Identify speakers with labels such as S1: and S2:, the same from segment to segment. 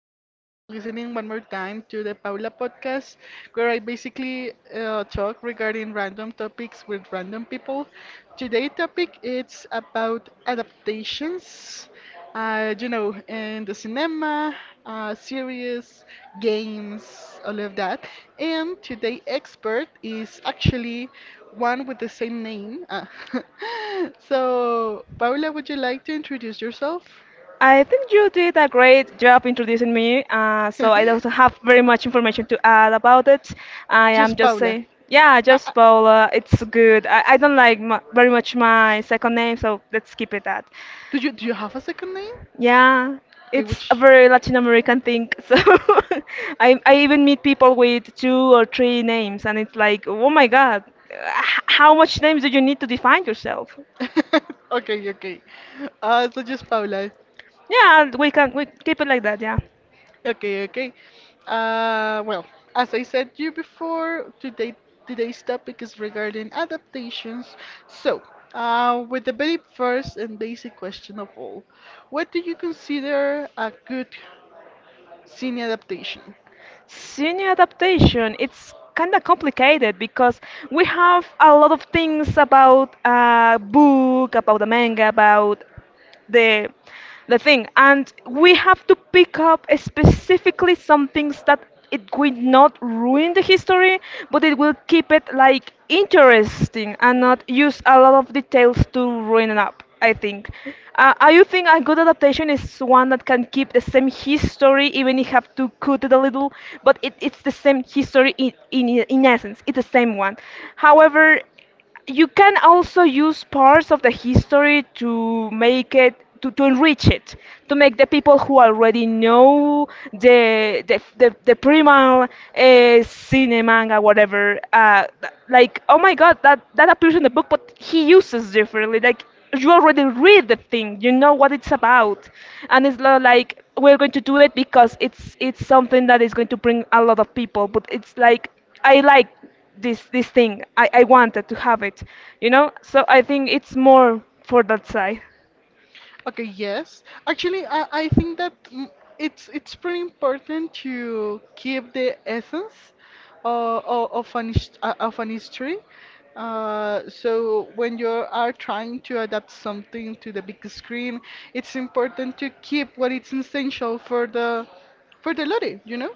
S1: thank you for listening one more time to the Paula podcast, where I basically talk regarding random topics with random people. Today topic it's about adaptations, in the cinema, series, games, all of that. And today expert is actually one with the same name. Ah. So Paula, would you like to introduce yourself?
S2: I think you did a great job introducing me, so I don't have very much information to add about it. I am
S1: Just
S2: just
S1: Paula.
S2: saying, yeah,
S1: I, I,
S2: just Paola. It's good. I don't like mu very much my second name, so let's keep it that.
S1: do you have a second name?
S2: Yeah,
S1: Okay,
S2: it's a
S1: which?
S2: very Latin American thing. So I even meet people with two or three names, and it's like, oh my God, how much names do you need to define yourself?
S1: Okay, okay. So just Paula.
S2: Yeah, we keep it like that. Yeah.
S1: Okay, okay. Uh, well, as I said to you before, today's topic is regarding adaptations. So, with the very first and basic question of all, what do you consider a good cine adaptation?
S2: Senior adaptation, it's kind of complicated because we have a lot of things about a book, about a manga, about the the thing, and we have to pick up specifically some things that it will not ruin the history, but it will keep it like interesting and not use a lot of details to ruin it up, I think. I You think a good adaptation is one that can keep the same history even if you have to cut it a little, but it's the same history, in essence it's the same one. However, you can also use parts of the history to make it, to enrich it, to make the people who already know the primal, cine, manga, whatever, like, oh my God, that appears in the book but he uses differently. Like, you already read the thing, you know what it's about, and it's not like we're going to do it because it's something that is going to bring a lot of people, but it's like, I like this thing. I wanted to have it, you know? So I think it's more for that side.
S1: Okay, yes. Actually, I think that it's pretty important to keep the essence of an history. So when you are trying to adapt something to the big screen, it's important to keep what is essential for the lottie, you know?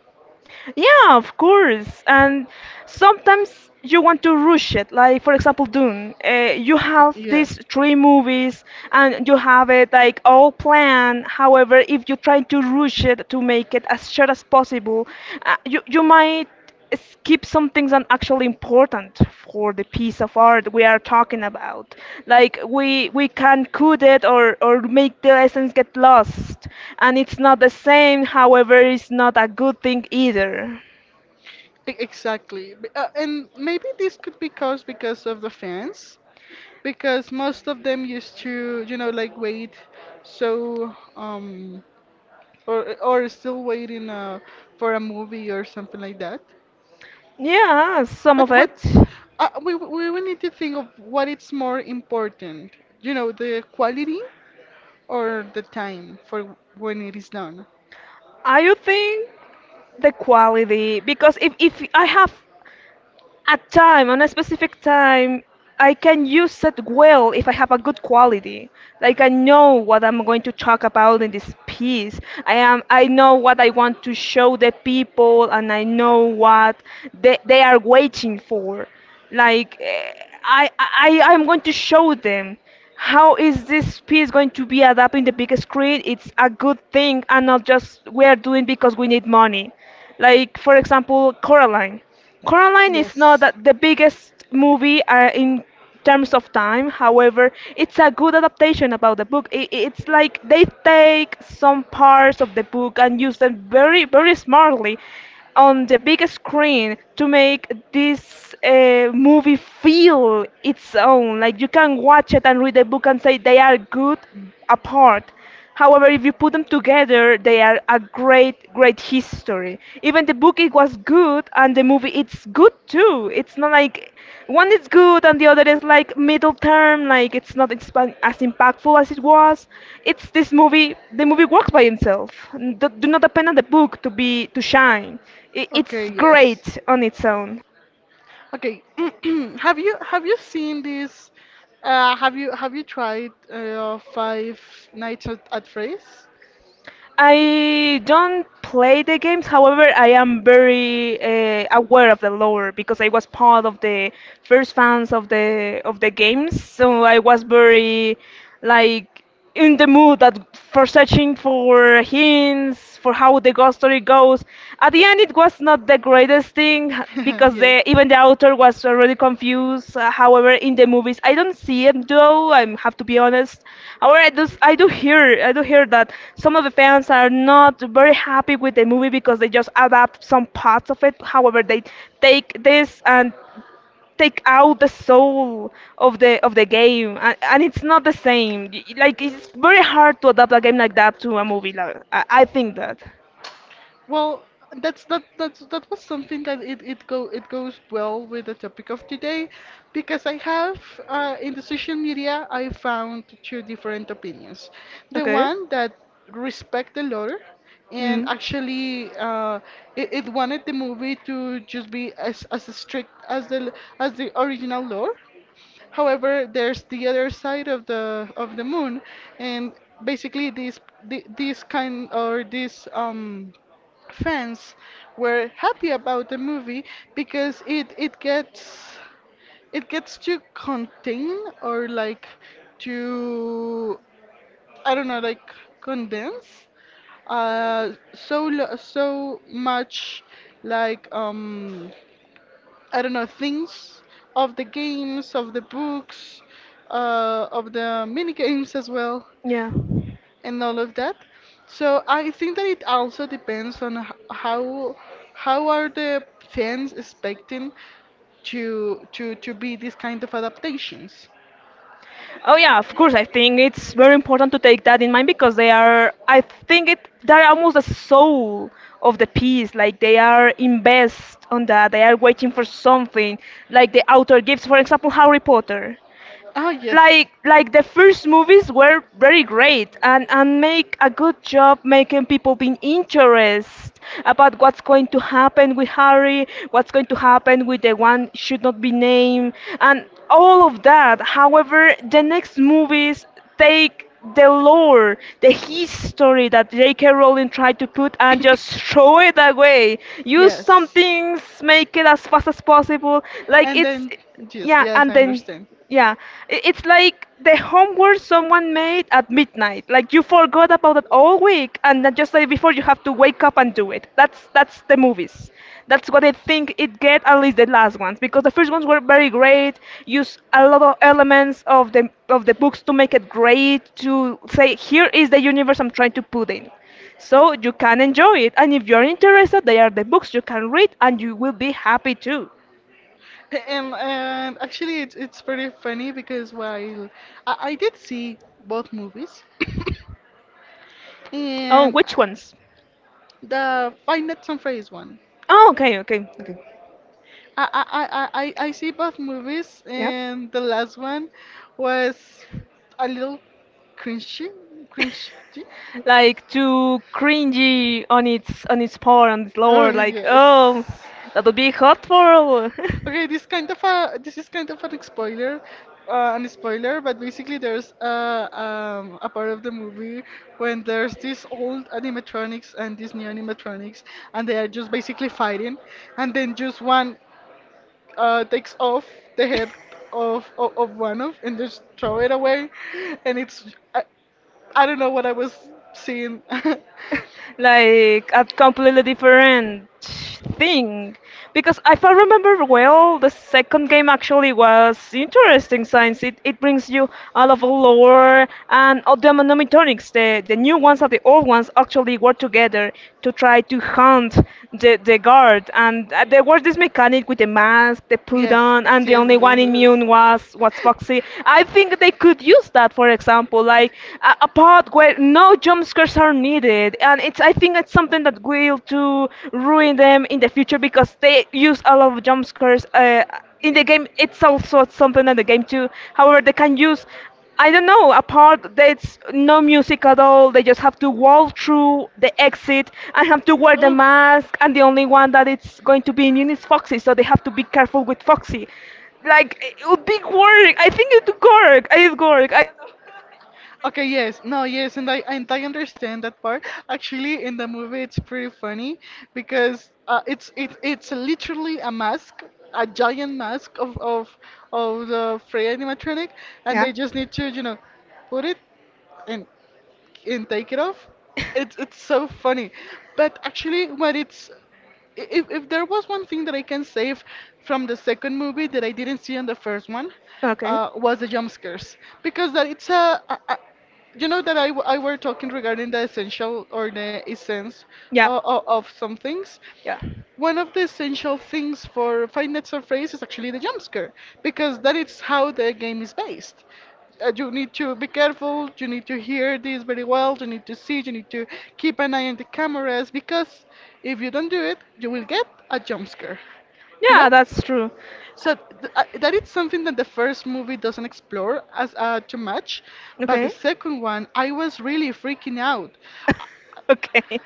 S2: Yeah, of course. And sometimes you want to rush it. Like, for example, Dune. You have
S1: Yeah.
S2: these three movies, and you have it like all planned. However, if you try to rush it to make it as short as possible, you might skip some things that actually important for the piece of art we are talking about. Like, we can cut it, or make the essence get lost, and it's not the same. However, it's not a good thing either.
S1: Exactly. And maybe this could be caused because of the fans, because most of them used to, you know, like wait so or still waiting for a movie or something like that.
S2: Yeah, some
S1: But
S2: of it.
S1: what's we will need to think of what it's more important, you know, the quality or the time for when it is done.
S2: I would think the quality, because if I have at time, on a specific time, I can use it well if I have a good quality. Like, I know what I'm going to talk about in this piece. I know what I want to show the people, and I know what they are waiting for. Like, I'm going to show them how is this piece going to be adapted in the big screen. It's a good thing and not just we are doing because we need money. Like, for example, Coraline. Coraline is not that the biggest movie in terms of time. However, it's a good adaptation about the book. It's like they take some parts of the book and use them very, very smartly on the big screen to make this movie feel its own. Like, you can watch it and read the book and say they are good apart. However, if you put them together, they are a great, great history. Even the book it was good, and the movie it's good too. It's not like one is good and the other is like middle term. Like, it's not as impactful as it was. It's this movie. The movie works by itself. Do not depend on the book to shine. I it's
S1: Okay.
S2: great on its own.
S1: Okay. Have you seen this? Have you tried Five Nights at Freddy's?
S2: I don't play the games. However, I am very aware of the lore because I was part of the first fans of the games. So I was very, like, in the mood that for searching for hints for how the ghost story goes. At the end, it was not the greatest thing because even the author was already confused. However, in the movies, I don't see it though. I have to be honest. However, I do hear that some of the fans are not very happy with the movie because they just adapt some parts of it. However, they take this and take out the soul of the game, and it's not the same. Like, it's very hard to adapt a game like that to a movie, like, I think that.
S1: Well, that's that was something that it goes well with the topic of today, because I have in the social media I found two different opinions. The
S2: Okay.
S1: one that respect the lore and
S2: Hmm.
S1: actually it wanted the movie to just be as strict as the original lore. However, there's the other side of the moon, and basically these the- these kind or these fans were happy about the movie because it gets, it gets to contain, or like to, I don't know, like condense, so much, like um I don't know, things of the games, of the books, of the mini games as well,
S2: Yeah.
S1: and all of that. So I think that it also depends on how are the fans expecting to be these kind of adaptations.
S2: Oh yeah, of course. I think it's very important to take that in mind because they are. I think it. They're almost the soul of the piece. Like, they are invest on that. They are waiting for something. Like the author gives, for example, Harry Potter.
S1: Oh yes.
S2: Like the first movies were very great and make a good job making people being interested about what's going to happen with Harry, what's going to happen with the one should not be named, and all of that. However, the next movies take the lore, the history that J.K. Rowling tried to put and just throw it away. Use some
S1: Yes.
S2: things, make it as fast as possible. Like,
S1: And
S2: it's,
S1: then, yes,
S2: yeah, and
S1: I
S2: then,
S1: understand.
S2: yeah, it's like the homework someone made at midnight. Like, you forgot about it all week, and then just like before you have to wake up and do it. That's the movies. That's what I think it get at least the last ones because the first ones were very great. Use a lot of elements of the books to make it great. To say, here is the universe I'm trying to put in. So you can enjoy it, and if you're interested, they are the books you can read, and you will be happy too.
S1: And actually, it's pretty funny because while I did see both movies,
S2: Oh,
S1: and
S2: which ones?
S1: the Five Nights on Freddy's one,
S2: Oh, okay, okay, okay.
S1: I, I see both movies,
S2: Yeah.
S1: and the last one was a little cringy, cringy.
S2: Like too cringy on its part, on its
S1: Oh
S2: lower, like,
S1: yes.
S2: oh that would be hot for
S1: Okay, this kind of a, this is kind of an spoiler, but basically there's a part of the movie when there's this old animatronics and these new animatronics, and they are just basically fighting, and then just one takes off the head of, of one of, and just throw it away, and it's I don't know what I was seeing.
S2: like a completely different thing, because if I remember well, the second game actually was interesting since it brings you all of the lore, and all the mnemonics, the new ones and the old ones actually work together to try to hunt the guard. And there was this mechanic with the mask they put on, and the only one immune was Foxy, I think. They could use that, for example, like a part. Not great. No jump scares are needed, and it's. I think it's something that will to ruin them in the future because they use a lot of jump scares. In the game, it's also something in the game too. However, they can use. I don't know, a part that's no music at all. They just have to walk through the exit and have to wear the
S1: Ugh.
S2: mask. And the only one that it's going to be immune is Foxy, so they have to be careful with Foxy, like, it would be work. I think it would work. It would work.
S1: Okay, yes, no, yes, and I understand that part. Actually, in the movie, it's pretty funny because it's it's literally a mask, a giant mask of of the Frey animatronic, and
S2: Yeah.
S1: they just need to, you know, put it in and take it off. It's so funny, but actually, if there was one thing that I can save from the second movie that I didn't see in the first one,
S2: Okay.
S1: was the jump scares, because that it's a, you know that I were talking regarding the essential or the essence
S2: Yeah.
S1: of some things.
S2: Yeah.
S1: One of the essential things for Five Nights at Freddy's is actually the jump scare, because that is how the game is based. You need to be careful, you need to hear this very well, you need to see, you need to keep an eye on the cameras because if you don't do it, you will get a jump scare. You know?
S2: Yeah, that's true.
S1: So that is something that the first movie doesn't explore as too much, but the
S2: Okay.
S1: second one, I was really freaking out.
S2: Okay.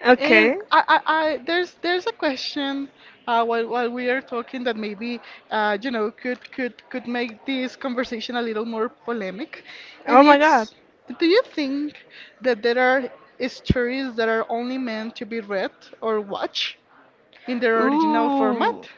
S1: And
S2: Okay.
S1: I there's a question while we are talking that maybe you know, could make this conversation a little more polemic,
S2: Oh
S1: and
S2: my God.
S1: it's, do you think that there are stories that are only meant to be read or watched in their original format?
S2: Ooh.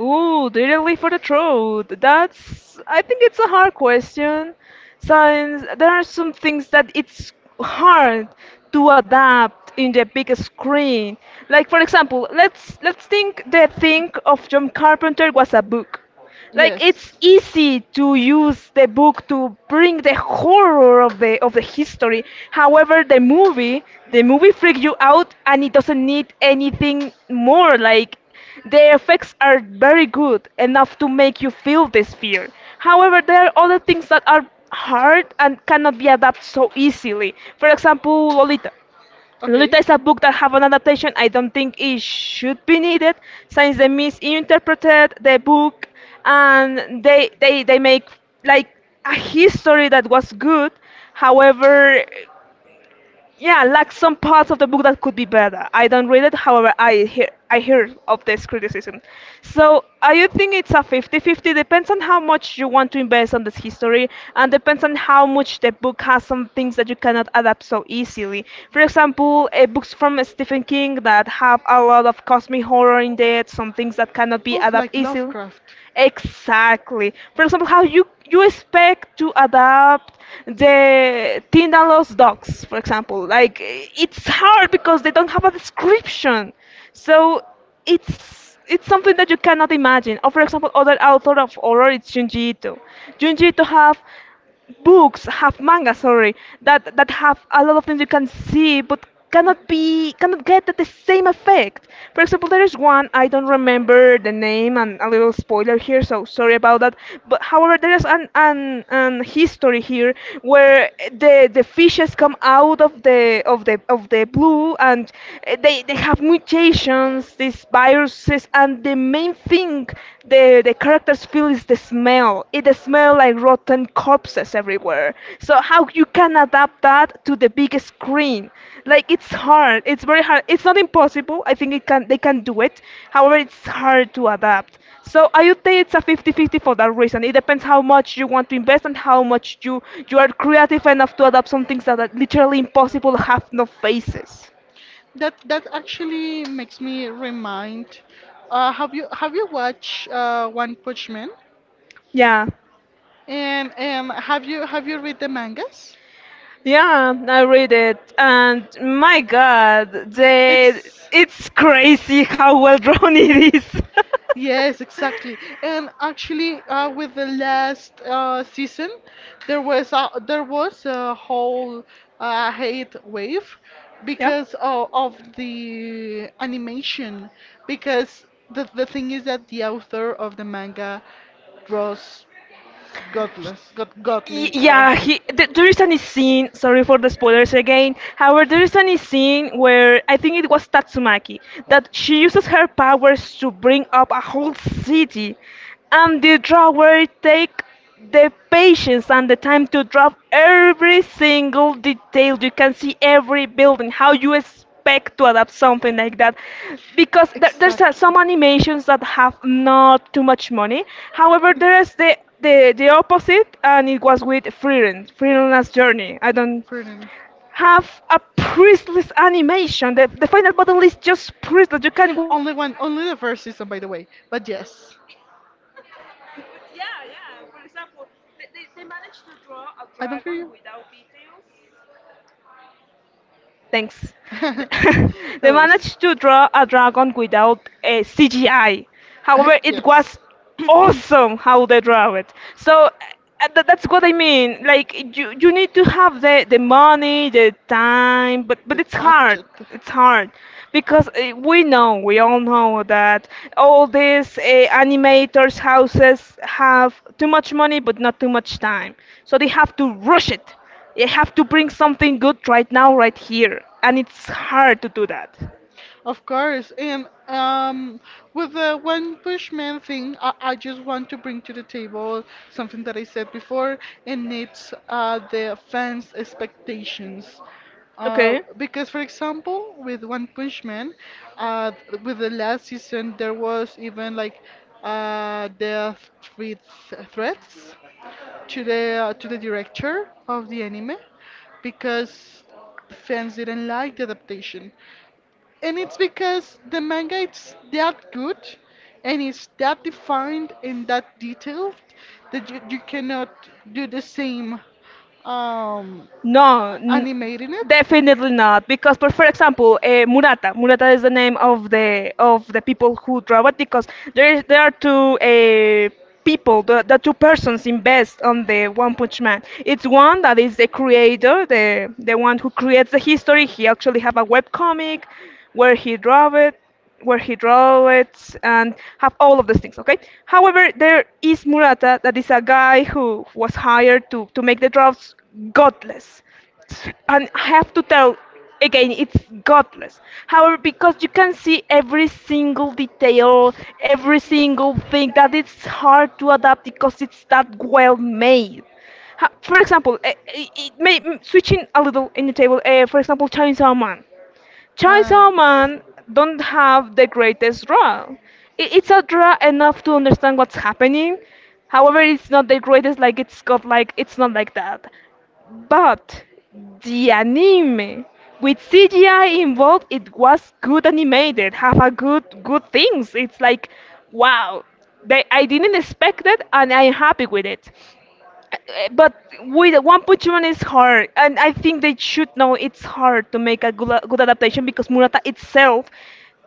S2: Ooh, directly for the throat. That's, I think it's a hard question. Since there are some things that it's hard to adapt in the big screen. Like, for example, let's think, the thing of John Carpenter was a book. Like,
S1: Yes.
S2: it's easy to use the book to bring the horror of the history. However, the movie freaks you out and it doesn't need anything more. Like, the effects are very good, enough to make you feel this fear. However, there are other things that are hard and cannot be adapted so easily. For example, Lolita.
S1: Okay.
S2: Lolita is a book that have an adaptation I don't think it should be needed, since they misinterpreted the book and they make like a history that was good. However, yeah, like, some parts of the book that could be better. I don't read it, however, I hear of this criticism. So I you think it's a fifty-fifty? Depends on how much you want to invest on this history, and depends on how much the book has some things that you cannot adapt so easily. For example, books from Stephen King that have a lot of cosmic horror in it, some things that cannot be
S1: Oof,
S2: adapted
S1: like
S2: easily.
S1: Lovecraft.
S2: Exactly. For example, how you expect to adapt the Tindalo's dogs, for example. Like, it's hard because they don't have a description. So it's something that you cannot imagine. Or, for example, other author of horror, it's Junji Ito. Junji Ito have books, have manga, sorry, that have a lot of things you can see but cannot get the same effect. For example, there is one, I don't remember the name, and a little spoiler here, so sorry about that. But however, there is an history here where the fishes come out of the blue, and they have mutations, these viruses, and the main thing think the characters feel is the smell. It the smell like rotten corpses everywhere. So how you can adapt that to the big screen? Like it's hard. It's very hard. It's not impossible. I think it can they can do it. However, it's hard to adapt. So I would say it's a 50-50 for that reason. It depends how much you want to invest and how much you are creative enough to adapt some things that are literally impossible, have no faces.
S1: That that actually makes me remind. Have you watched One Punch Man?
S2: Yeah.
S1: And have you read the mangas?
S2: Yeah, I read it, and my God, the
S1: It's
S2: it's crazy how well drawn it is.
S1: Yes, exactly. And actually, with the last season, there was there was a whole hate wave
S2: Yep.
S1: because of the animation. Because the thing is that the author of the manga draws godless,
S2: Y-
S1: godly.
S2: Yeah, he, th there is any scene, sorry for the spoilers again. However, there is any scene where I think it was Tatsumaki, that she uses her powers to bring up a whole city, and the drawer take the patience and the time to draw every single detail. You can see every building. How you expect to adapt something like that, because there's some animations that have not too much money. However, there is the opposite, and it was with Freelance, Freelance Journey. I don't
S1: Pretty.
S2: have a priestless animation. The final battle is just priestless. You can—
S1: One, only the first season, by the way. But yes, But
S2: Thanks.
S1: without
S2: They
S1: details.
S2: managed to draw a dragon without a CGI. However, it was awesome how they draw it. So that's what I mean. Like you need to have the money, the time, but it's hard. It's hard because we know, we all know that all these animators' houses have too much money but not too much time. So they have to rush it. You have to bring something good right now, right here. And it's hard to do that.
S1: Of course, and with the One Push Man thing, I just want to bring to the table something that I said before, and it's the fans' expectations.
S2: Okay.
S1: Because, for example, with One Punch Man, uh, with the last season, there was even like death with threats to the director of the anime because fans didn't like the adaptation, and it's because the manga it's that good and it's that defined and that detailed that you cannot do the same um
S2: No, n-
S1: animating it.
S2: definitely not. Because, but for example, Murata. Murata is the name of the people who draw it. Because there are two people, the two persons invest on the One Punch Man. It's one that is the creator, the one who creates the history. He actually have a web comic where he draw it. where he draw it and have all of those things, okay? However, there is Murata, that is a guy who was hired to make the drafts godless. And I have to tell again, it's godless. However, because you can see every single detail, every single thing, that it's hard to adapt because it's that well made. For example, switching a little in the table, for example, Chainsaw Man. Chai
S1: Ah, yes.
S2: Salman don't have the greatest draw. It's a draw enough to understand what's happening. However, it's not the greatest. Like it's not like that. But the anime, with CGI involved, it was good animated. Have a good things. It's like wow. I didn't expect it, and I'm happy with it. But with One Punch Man is hard, and I think they should know it's hard to make a good adaptation, because Murata itself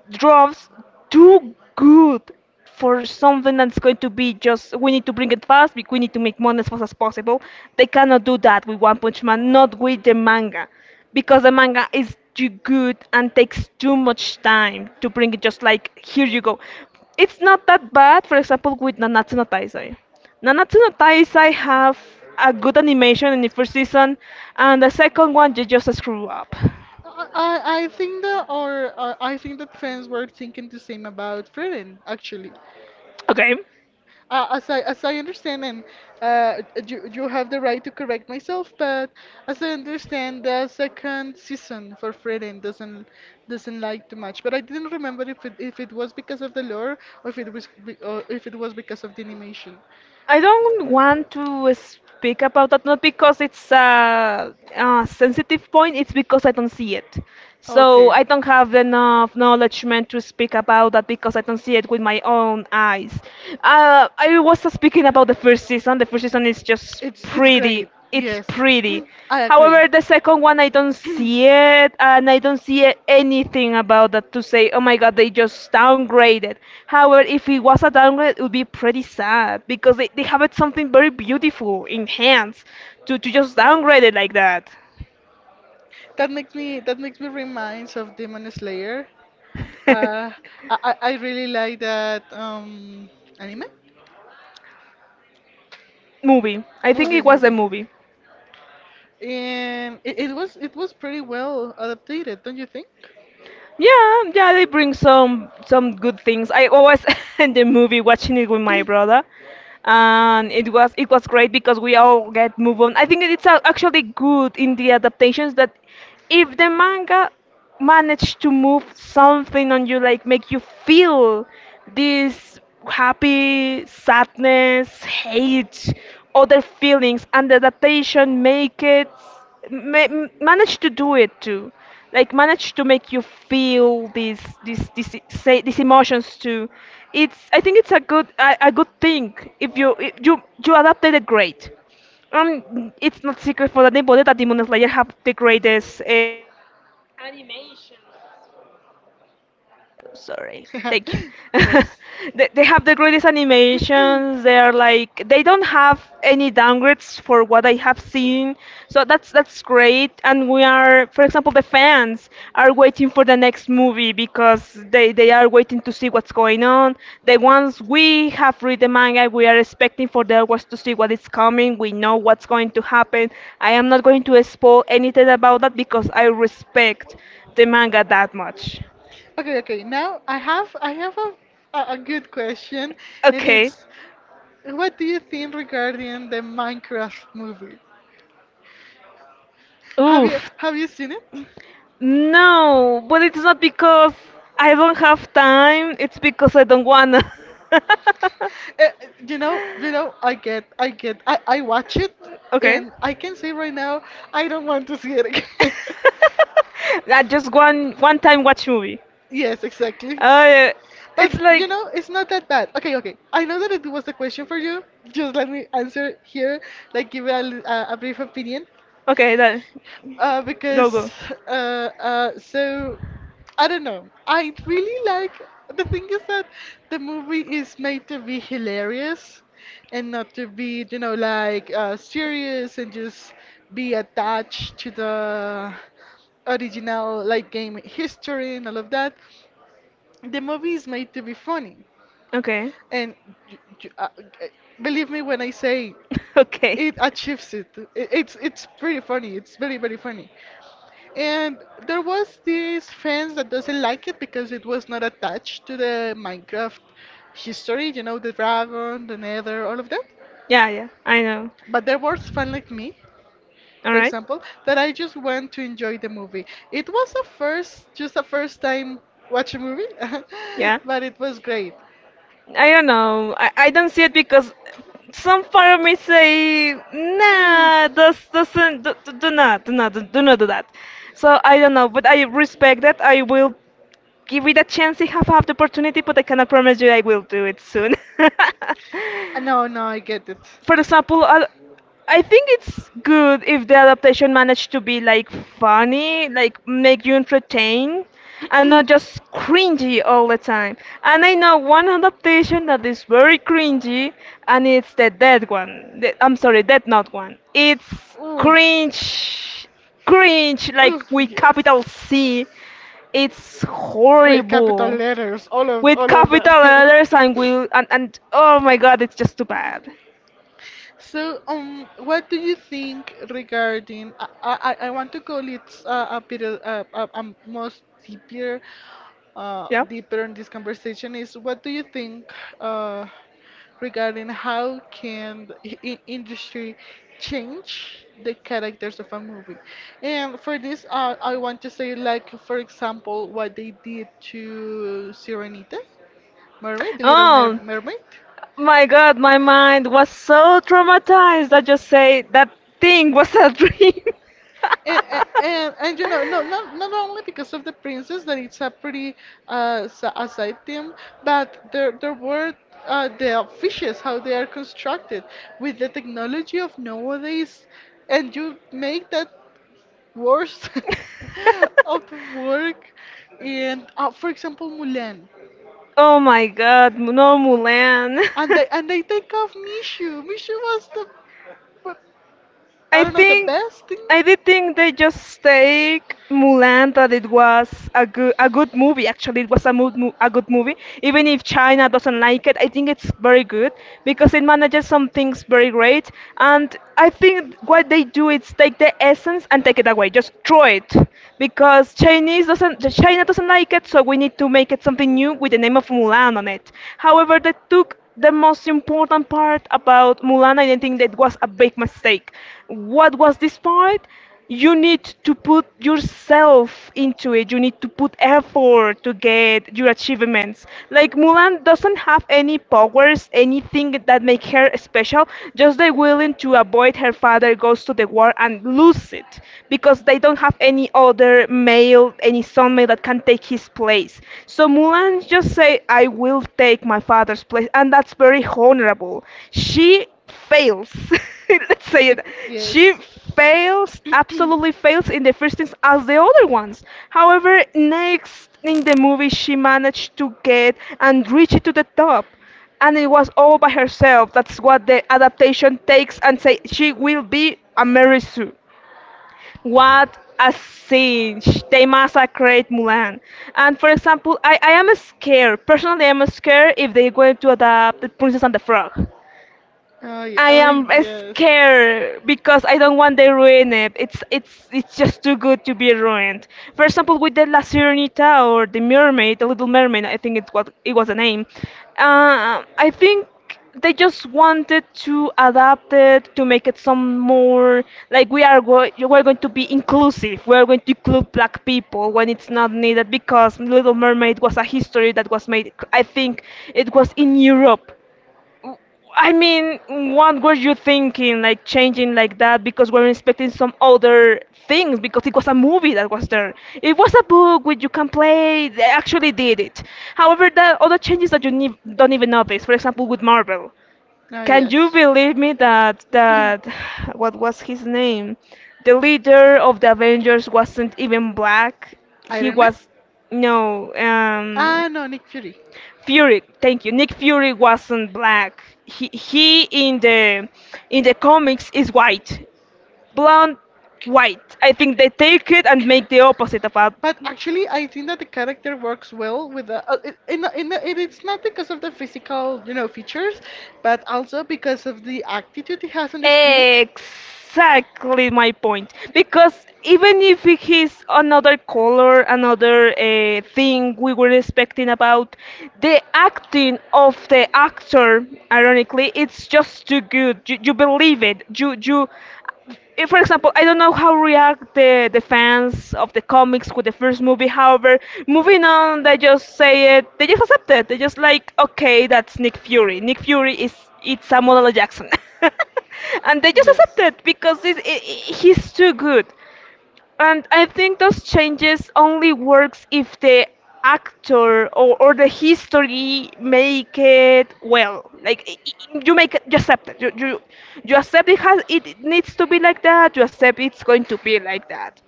S2: draws too good for something that's going to be just: we need to bring it fast, we need to make money as fast as possible. They cannot do that with One Punch Man, not with the manga, because the manga is too good and takes too much time to bring it just like here you go. It's not that bad, for example, with Nanatsu no Taizai. Nanatsu no Taizai have a good animation in the first season, and the second one they just screw up.
S1: I I think that or I think that fans were thinking the same about Frieden actually.
S2: Okay,
S1: As I as I understand, and uh, you have the right to correct myself, but as I understand, the second season for Frieden doesn't like too much. But I didn't remember if it was because of the lore or if it was because of the animation.
S2: I don't want to speak about that, not because it's a sensitive point. It's because I don't see it, so
S1: Okay.
S2: I don't have enough knowledge meant to speak about that, because I don't see it with my own eyes. I was speaking about the first season. The first season is just
S1: It's great.
S2: pretty. It's
S1: Yes,
S2: pretty.
S1: I agree.
S2: However, the second one I don't see it, and I don't see anything about that to say, oh my god, they just downgraded. However, if it was a downgrade, it would be pretty sad, because they have it something very beautiful in hands to just downgrade it like that.
S1: That makes me, reminds of Demon Slayer. Uh, I really like that anime.
S2: Movie. I think
S1: Movie,
S2: it was a
S1: movie.
S2: movie.
S1: And it was, it was pretty well adapted, don't you think?
S2: Yeah, yeah, they bring some good things. I always in the movie watching it with my brother, and it was great because we all get move on. I think it's actually good in the adaptations that if the manga manage to move something on you, like make you feel this happy, sadness, hate, other feelings, and the adaptation make it manage to do it too, like manage to make you feel these emotions too. It's I think it's a a good thing if you you adapted it great. It's not secret for anybody that Demon Slayer have the greatest sorry. Thank you.
S1: No worries.
S2: They have the greatest animations. They are like they don't have any downgrades for what I have seen. So that's great. And we are, for example, the fans are waiting for the next movie, because they are waiting to see what's going on. The ones we have read the manga, we are expecting for the others to see what is coming. We know what's going to happen. I am not going to spoil anything about that, because I respect the manga that much.
S1: Okay, okay. Now I have, a good question, and
S2: Okay.
S1: it's, what do you think regarding the Minecraft movie? Have you
S2: Oof.
S1: seen it?
S2: No, but it's not because I don't have time, it's because I don't wanna.
S1: Uh, you know, I watch it,
S2: Okay.
S1: and I can say right now, I don't want to see it again.
S2: I just one time watch movie.
S1: Yes, exactly.
S2: Yeah.
S1: But
S2: It's
S1: you
S2: like
S1: know, it's not that bad. Okay, okay. I know that it was a question for you. Just let me answer here, like give a brief opinion.
S2: okay, that.
S1: Uh,
S2: Go,
S1: because
S2: go.
S1: uh, uh, so I don't know. I really like, the thing is that the movie is made to be hilarious and not to be, you know, like serious and just be attached to the original like game history and all of that, the movie is made to be funny.
S2: Okay.
S1: And y- y- uh, uh, believe me when I say it
S2: Okay.
S1: achieves it. It's pretty funny. It's very funny. And there was these fans that doesn't like it because it was not attached to the Minecraft history. You know the dragon, the Nether, all of that.
S2: Yeah, yeah, I know.
S1: But there was fans like me,
S2: All
S1: for
S2: right.
S1: example, that I just went to enjoy the movie. It was a first, just a first time watch a movie,
S2: Yeah.
S1: but it was great.
S2: I don't know. I don't see it because some part of me say,
S1: Mm.
S2: nah, this doesn't do, not do not do not do not do that. So I don't know, but I respect that. I will give it a chance. I have had the opportunity, but I cannot promise you I will do it soon.
S1: No, no, I get it.
S2: For example, I think it's good if the adaptation managed to be like funny, like make you entertain, and not just cringy all the time. And I know one adaptation that is very cringy, and it's the dead one. I'm sorry, Dead Note one. It's cringe, cringe, like with capital C. It's
S1: Capital
S2: horrible.
S1: letters, all
S2: With capital letters and will and oh my god, it's just too bad.
S1: So, what do you think regarding? I want to call it most deeper,
S2: Yeah.
S1: deeper in this conversation, is what do you think uh, regarding how can the industry change the characters of a movie? And for this, I want to say, like for example what they did to Sirenita, Mermaid, the
S2: Um,
S1: Mermaid.
S2: my God, my mind was so traumatized. I just say that thing was a dream.
S1: And, and you know, no, not only because of the princess that it's a pretty a side theme, but there were the fishes, how they are constructed with the technology of nowadays, and you make that worse out of work. And for example Mulan,
S2: Oh my God, no Mulan.
S1: and they, take off Mishu. Mishu was the, I
S2: I
S1: don't know, the
S2: think
S1: best thing.
S2: I did think they just take Mulan, that it was a good movie. Actually, it was a a good movie. Even if China doesn't like it, I think it's very good because it manages some things very great. And I think what they do is take the essence and take it away, just throw it, because Chinese doesn't China doesn't like it, so we need to make it something new with the name of Mulan on it. However, they took the most important part about Mulan. I didn't think that was a big mistake. What was this part? You need to put yourself into it. You need to put effort to get your achievements. Like Mulan doesn't have any powers, anything that make her special. Just they willing to avoid her father goes to the war and lose it, because they don't have any other male, any son male that can take his place. So Mulan just say, I will take my father's place, and that's very honorable. She fails. Let's say it. She fails, absolutely fails in the first things as the other ones. However, next in the movie, she managed to get and reach it to the top, and it was all by herself. That's what the adaptation takes and say she will be a Mary Sue. What a siege! They massacred Mulan. And for example, I am scared. Personally, I'm scared if they're going to adapt The Princess and the Frog.
S1: Ay,
S2: I am scared because I don't want they ruin it. It's just too good to be ruined. For example, with the La Sirenita, or the Mermaid, the Little Mermaid, I think it was the name. I think they just wanted to adapt it to make it some more, like, we are we're going to be inclusive. We're going to include black people when it's not needed, because Little Mermaid was a history that was made. I think it was in Europe. W- I mean, what were you thinking, like changing like that? Because we're expecting some other things. Because it was a movie that was there. It was a book which you can play. They actually did it. However, the other changes that you don't even notice. For example, with Marvel,
S1: no,
S2: can you believe me that what was his name? The leader of the Avengers wasn't even black. He
S1: Iron Man?
S2: was no. Um,
S1: Ah, no, Nick Fury.
S2: Fury, thank you. Nick Fury wasn't black. He in the comics is white, blonde, white. I think they take it and make the opposite of a.
S1: But actually, I think that the character works well with the. In the, it, it's not because of the physical, you know, features, but also because of the attitude he has on the screen.
S2: Exactly my point. Because even if it is another color, another thing we were expecting about, the acting of the actor, ironically, it's just too good. You believe it. For example, I don't know how react the fans of the comics with the first movie. However, moving on, they just say it. They just accept it. They just like, okay, that's Nick Fury. Nick Fury is It's Samuel L. Jackson, and they just accept
S1: Yes.
S2: it because he's too good. And I think those changes only works if the actor, or the history make it well. Like you make it, you accept it. You accept it has it needs to be like that. You accept it's going to be like that.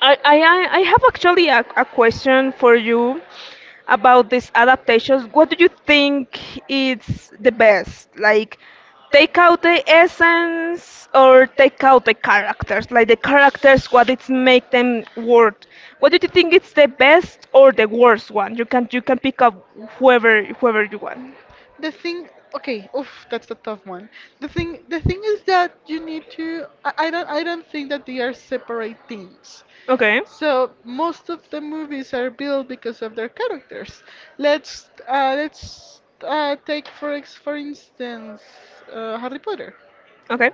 S2: I have actually a question for you about these adaptations. What do you think is the best? Like, take out the essence or take out the characters? Like, the characters, what it's make them worth? What do you think is the best or the worst one? You can pick up whoever you want.
S1: The thing, okay, oof, that's a tough one. The thing, is that you need to, I don't, I don't think that they are separate things.
S2: Okay,
S1: So most of the movies are built because of their characters. Let's take for instance, Harry Potter.
S2: okay,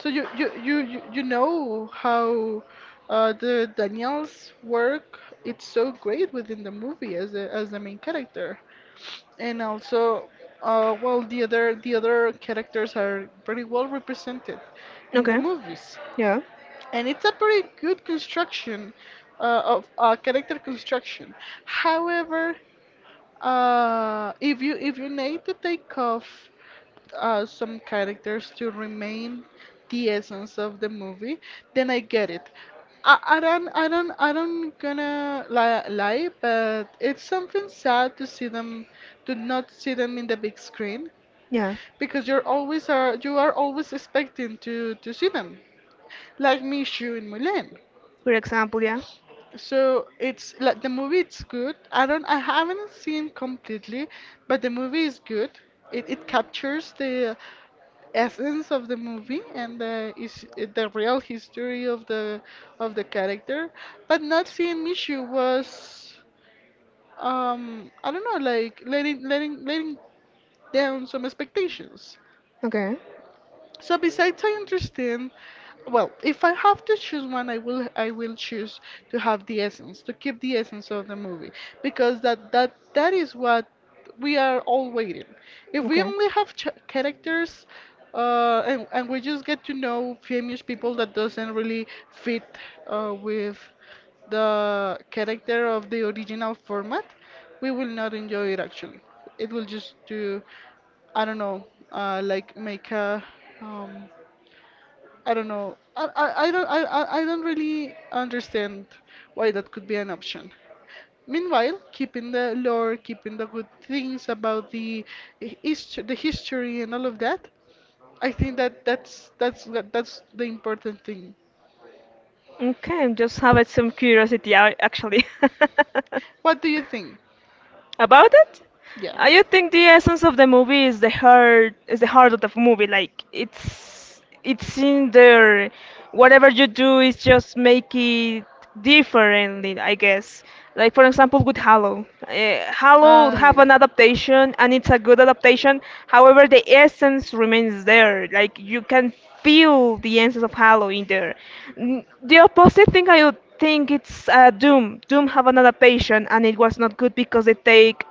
S1: So you know how the Daniel's work, it's so great within the movie as the main character. And also, the other, characters are pretty well represented in the
S2: okay.
S1: movies.
S2: Yeah,
S1: And it's a pretty good construction of character construction. However, if you, need to take off some characters to remain the essence of the movie, then I get it. I don't gonna lie, but it's something sad to see them, to not see them in the big screen,
S2: yeah.
S1: because you are always expecting to see them, like Michu in Mulan.
S2: For example, yeah.
S1: So it's like the movie it's good. I don't, I haven't seen completely, but the movie is good. It captures the essence of the movie, and the is the real history of the character. But not seeing Mishu was I don't know, like letting, letting down some expectations.
S2: Okay.
S1: So besides, I understand. Well, if I have to choose one, I will choose to have the essence, to keep the essence of the movie, because that is what we are all waiting. If we only have ch characters, and and we just get to know famous people that doesn't really fit with the character of the original format, we will not enjoy it actually. It will just do. I don't know, like make a, um, I don't know, I don't really understand why that could be an option. Meanwhile, keeping the lore, keeping the good things about the history and all of that, I think that that's the important thing.
S2: Okay, I'm just have some curiosity actually.
S1: What do you think?
S2: About it?
S1: Yeah.
S2: I do think the essence of the movie is the heart of the movie. Like it's in there. Whatever you do is just make it differently, I guess. Like for example with Halo. Halo have an adaptation and it's a good adaptation. However, the essence remains there. Like you can feel the essence of Halo in there. The opposite thing I would think it's Doom. Doom have an adaptation, and it was not good because they take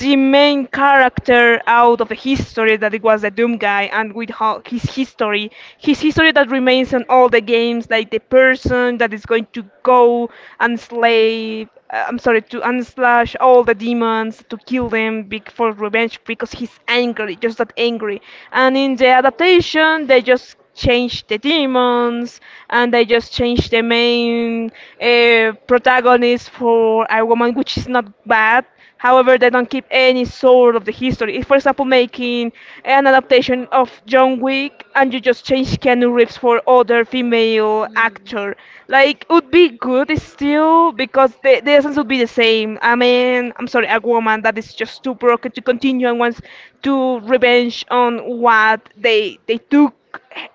S2: the main character out of the history that it was the Doom guy, and with his history that remains in all the games, like the person that is going to go and slay. I'm sorry, to unslash all the demons, to kill them for revenge because he's angry, just that angry. And in the adaptation, they just change the demons and they just change the main protagonist for a woman, which is not bad. However, they don't keep any sort of the history. If, for example, making an adaptation of John Wick and you just change Keanu Reeves for other female actor, like would be good still because the essence would be the same. I mean, I'm sorry, a woman that is just too broken to continue and wants to revenge on what they took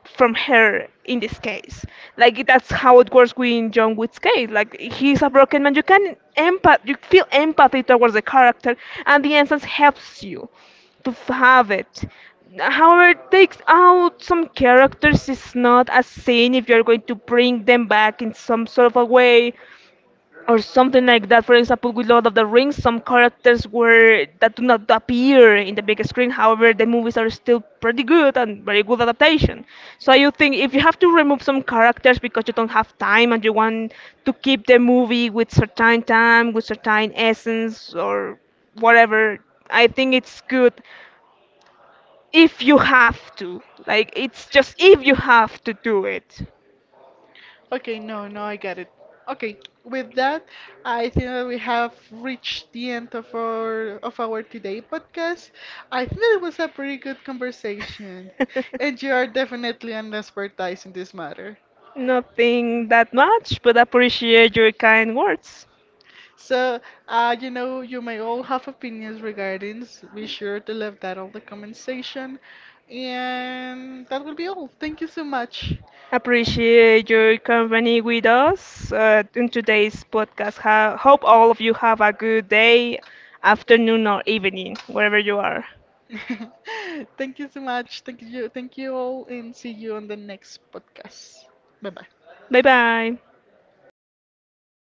S2: from her in this case. Like that's how it works with John Wick's case. Like he's a broken man. You can empath you feel empathy towards the character and the essence helps you to have it. However, it takes out some characters is not a sin if you're going to bring them back in some sort of a way or something like that. For example, with Lord of the Rings, some characters were that do not appear in the big screen. However, the movies are still pretty good and very good adaptation. So you think if you have to remove some characters because you don't have time and you want to keep the movie with certain time, with certain essence or whatever, I think it's good if you have to. Like it's just if you have to do it.
S1: Okay, no, no, I got it. Okay, with that, I think that we have reached the end of our today podcast. I think that it was a pretty good conversation, and you are definitely an expert in this matter.
S2: Nothing that much, but appreciate your kind words.
S1: So, you know, you may all have opinions regarding. Be sure to leave that on the comment section. And that will be all. Thank you so much.
S2: Appreciate your company with us in today's podcast. Hope all of you have a good day, afternoon, or evening, wherever you are.
S1: Thank you so much. Thank you. Thank you all, and see you on the next podcast. Bye bye.
S2: Bye bye.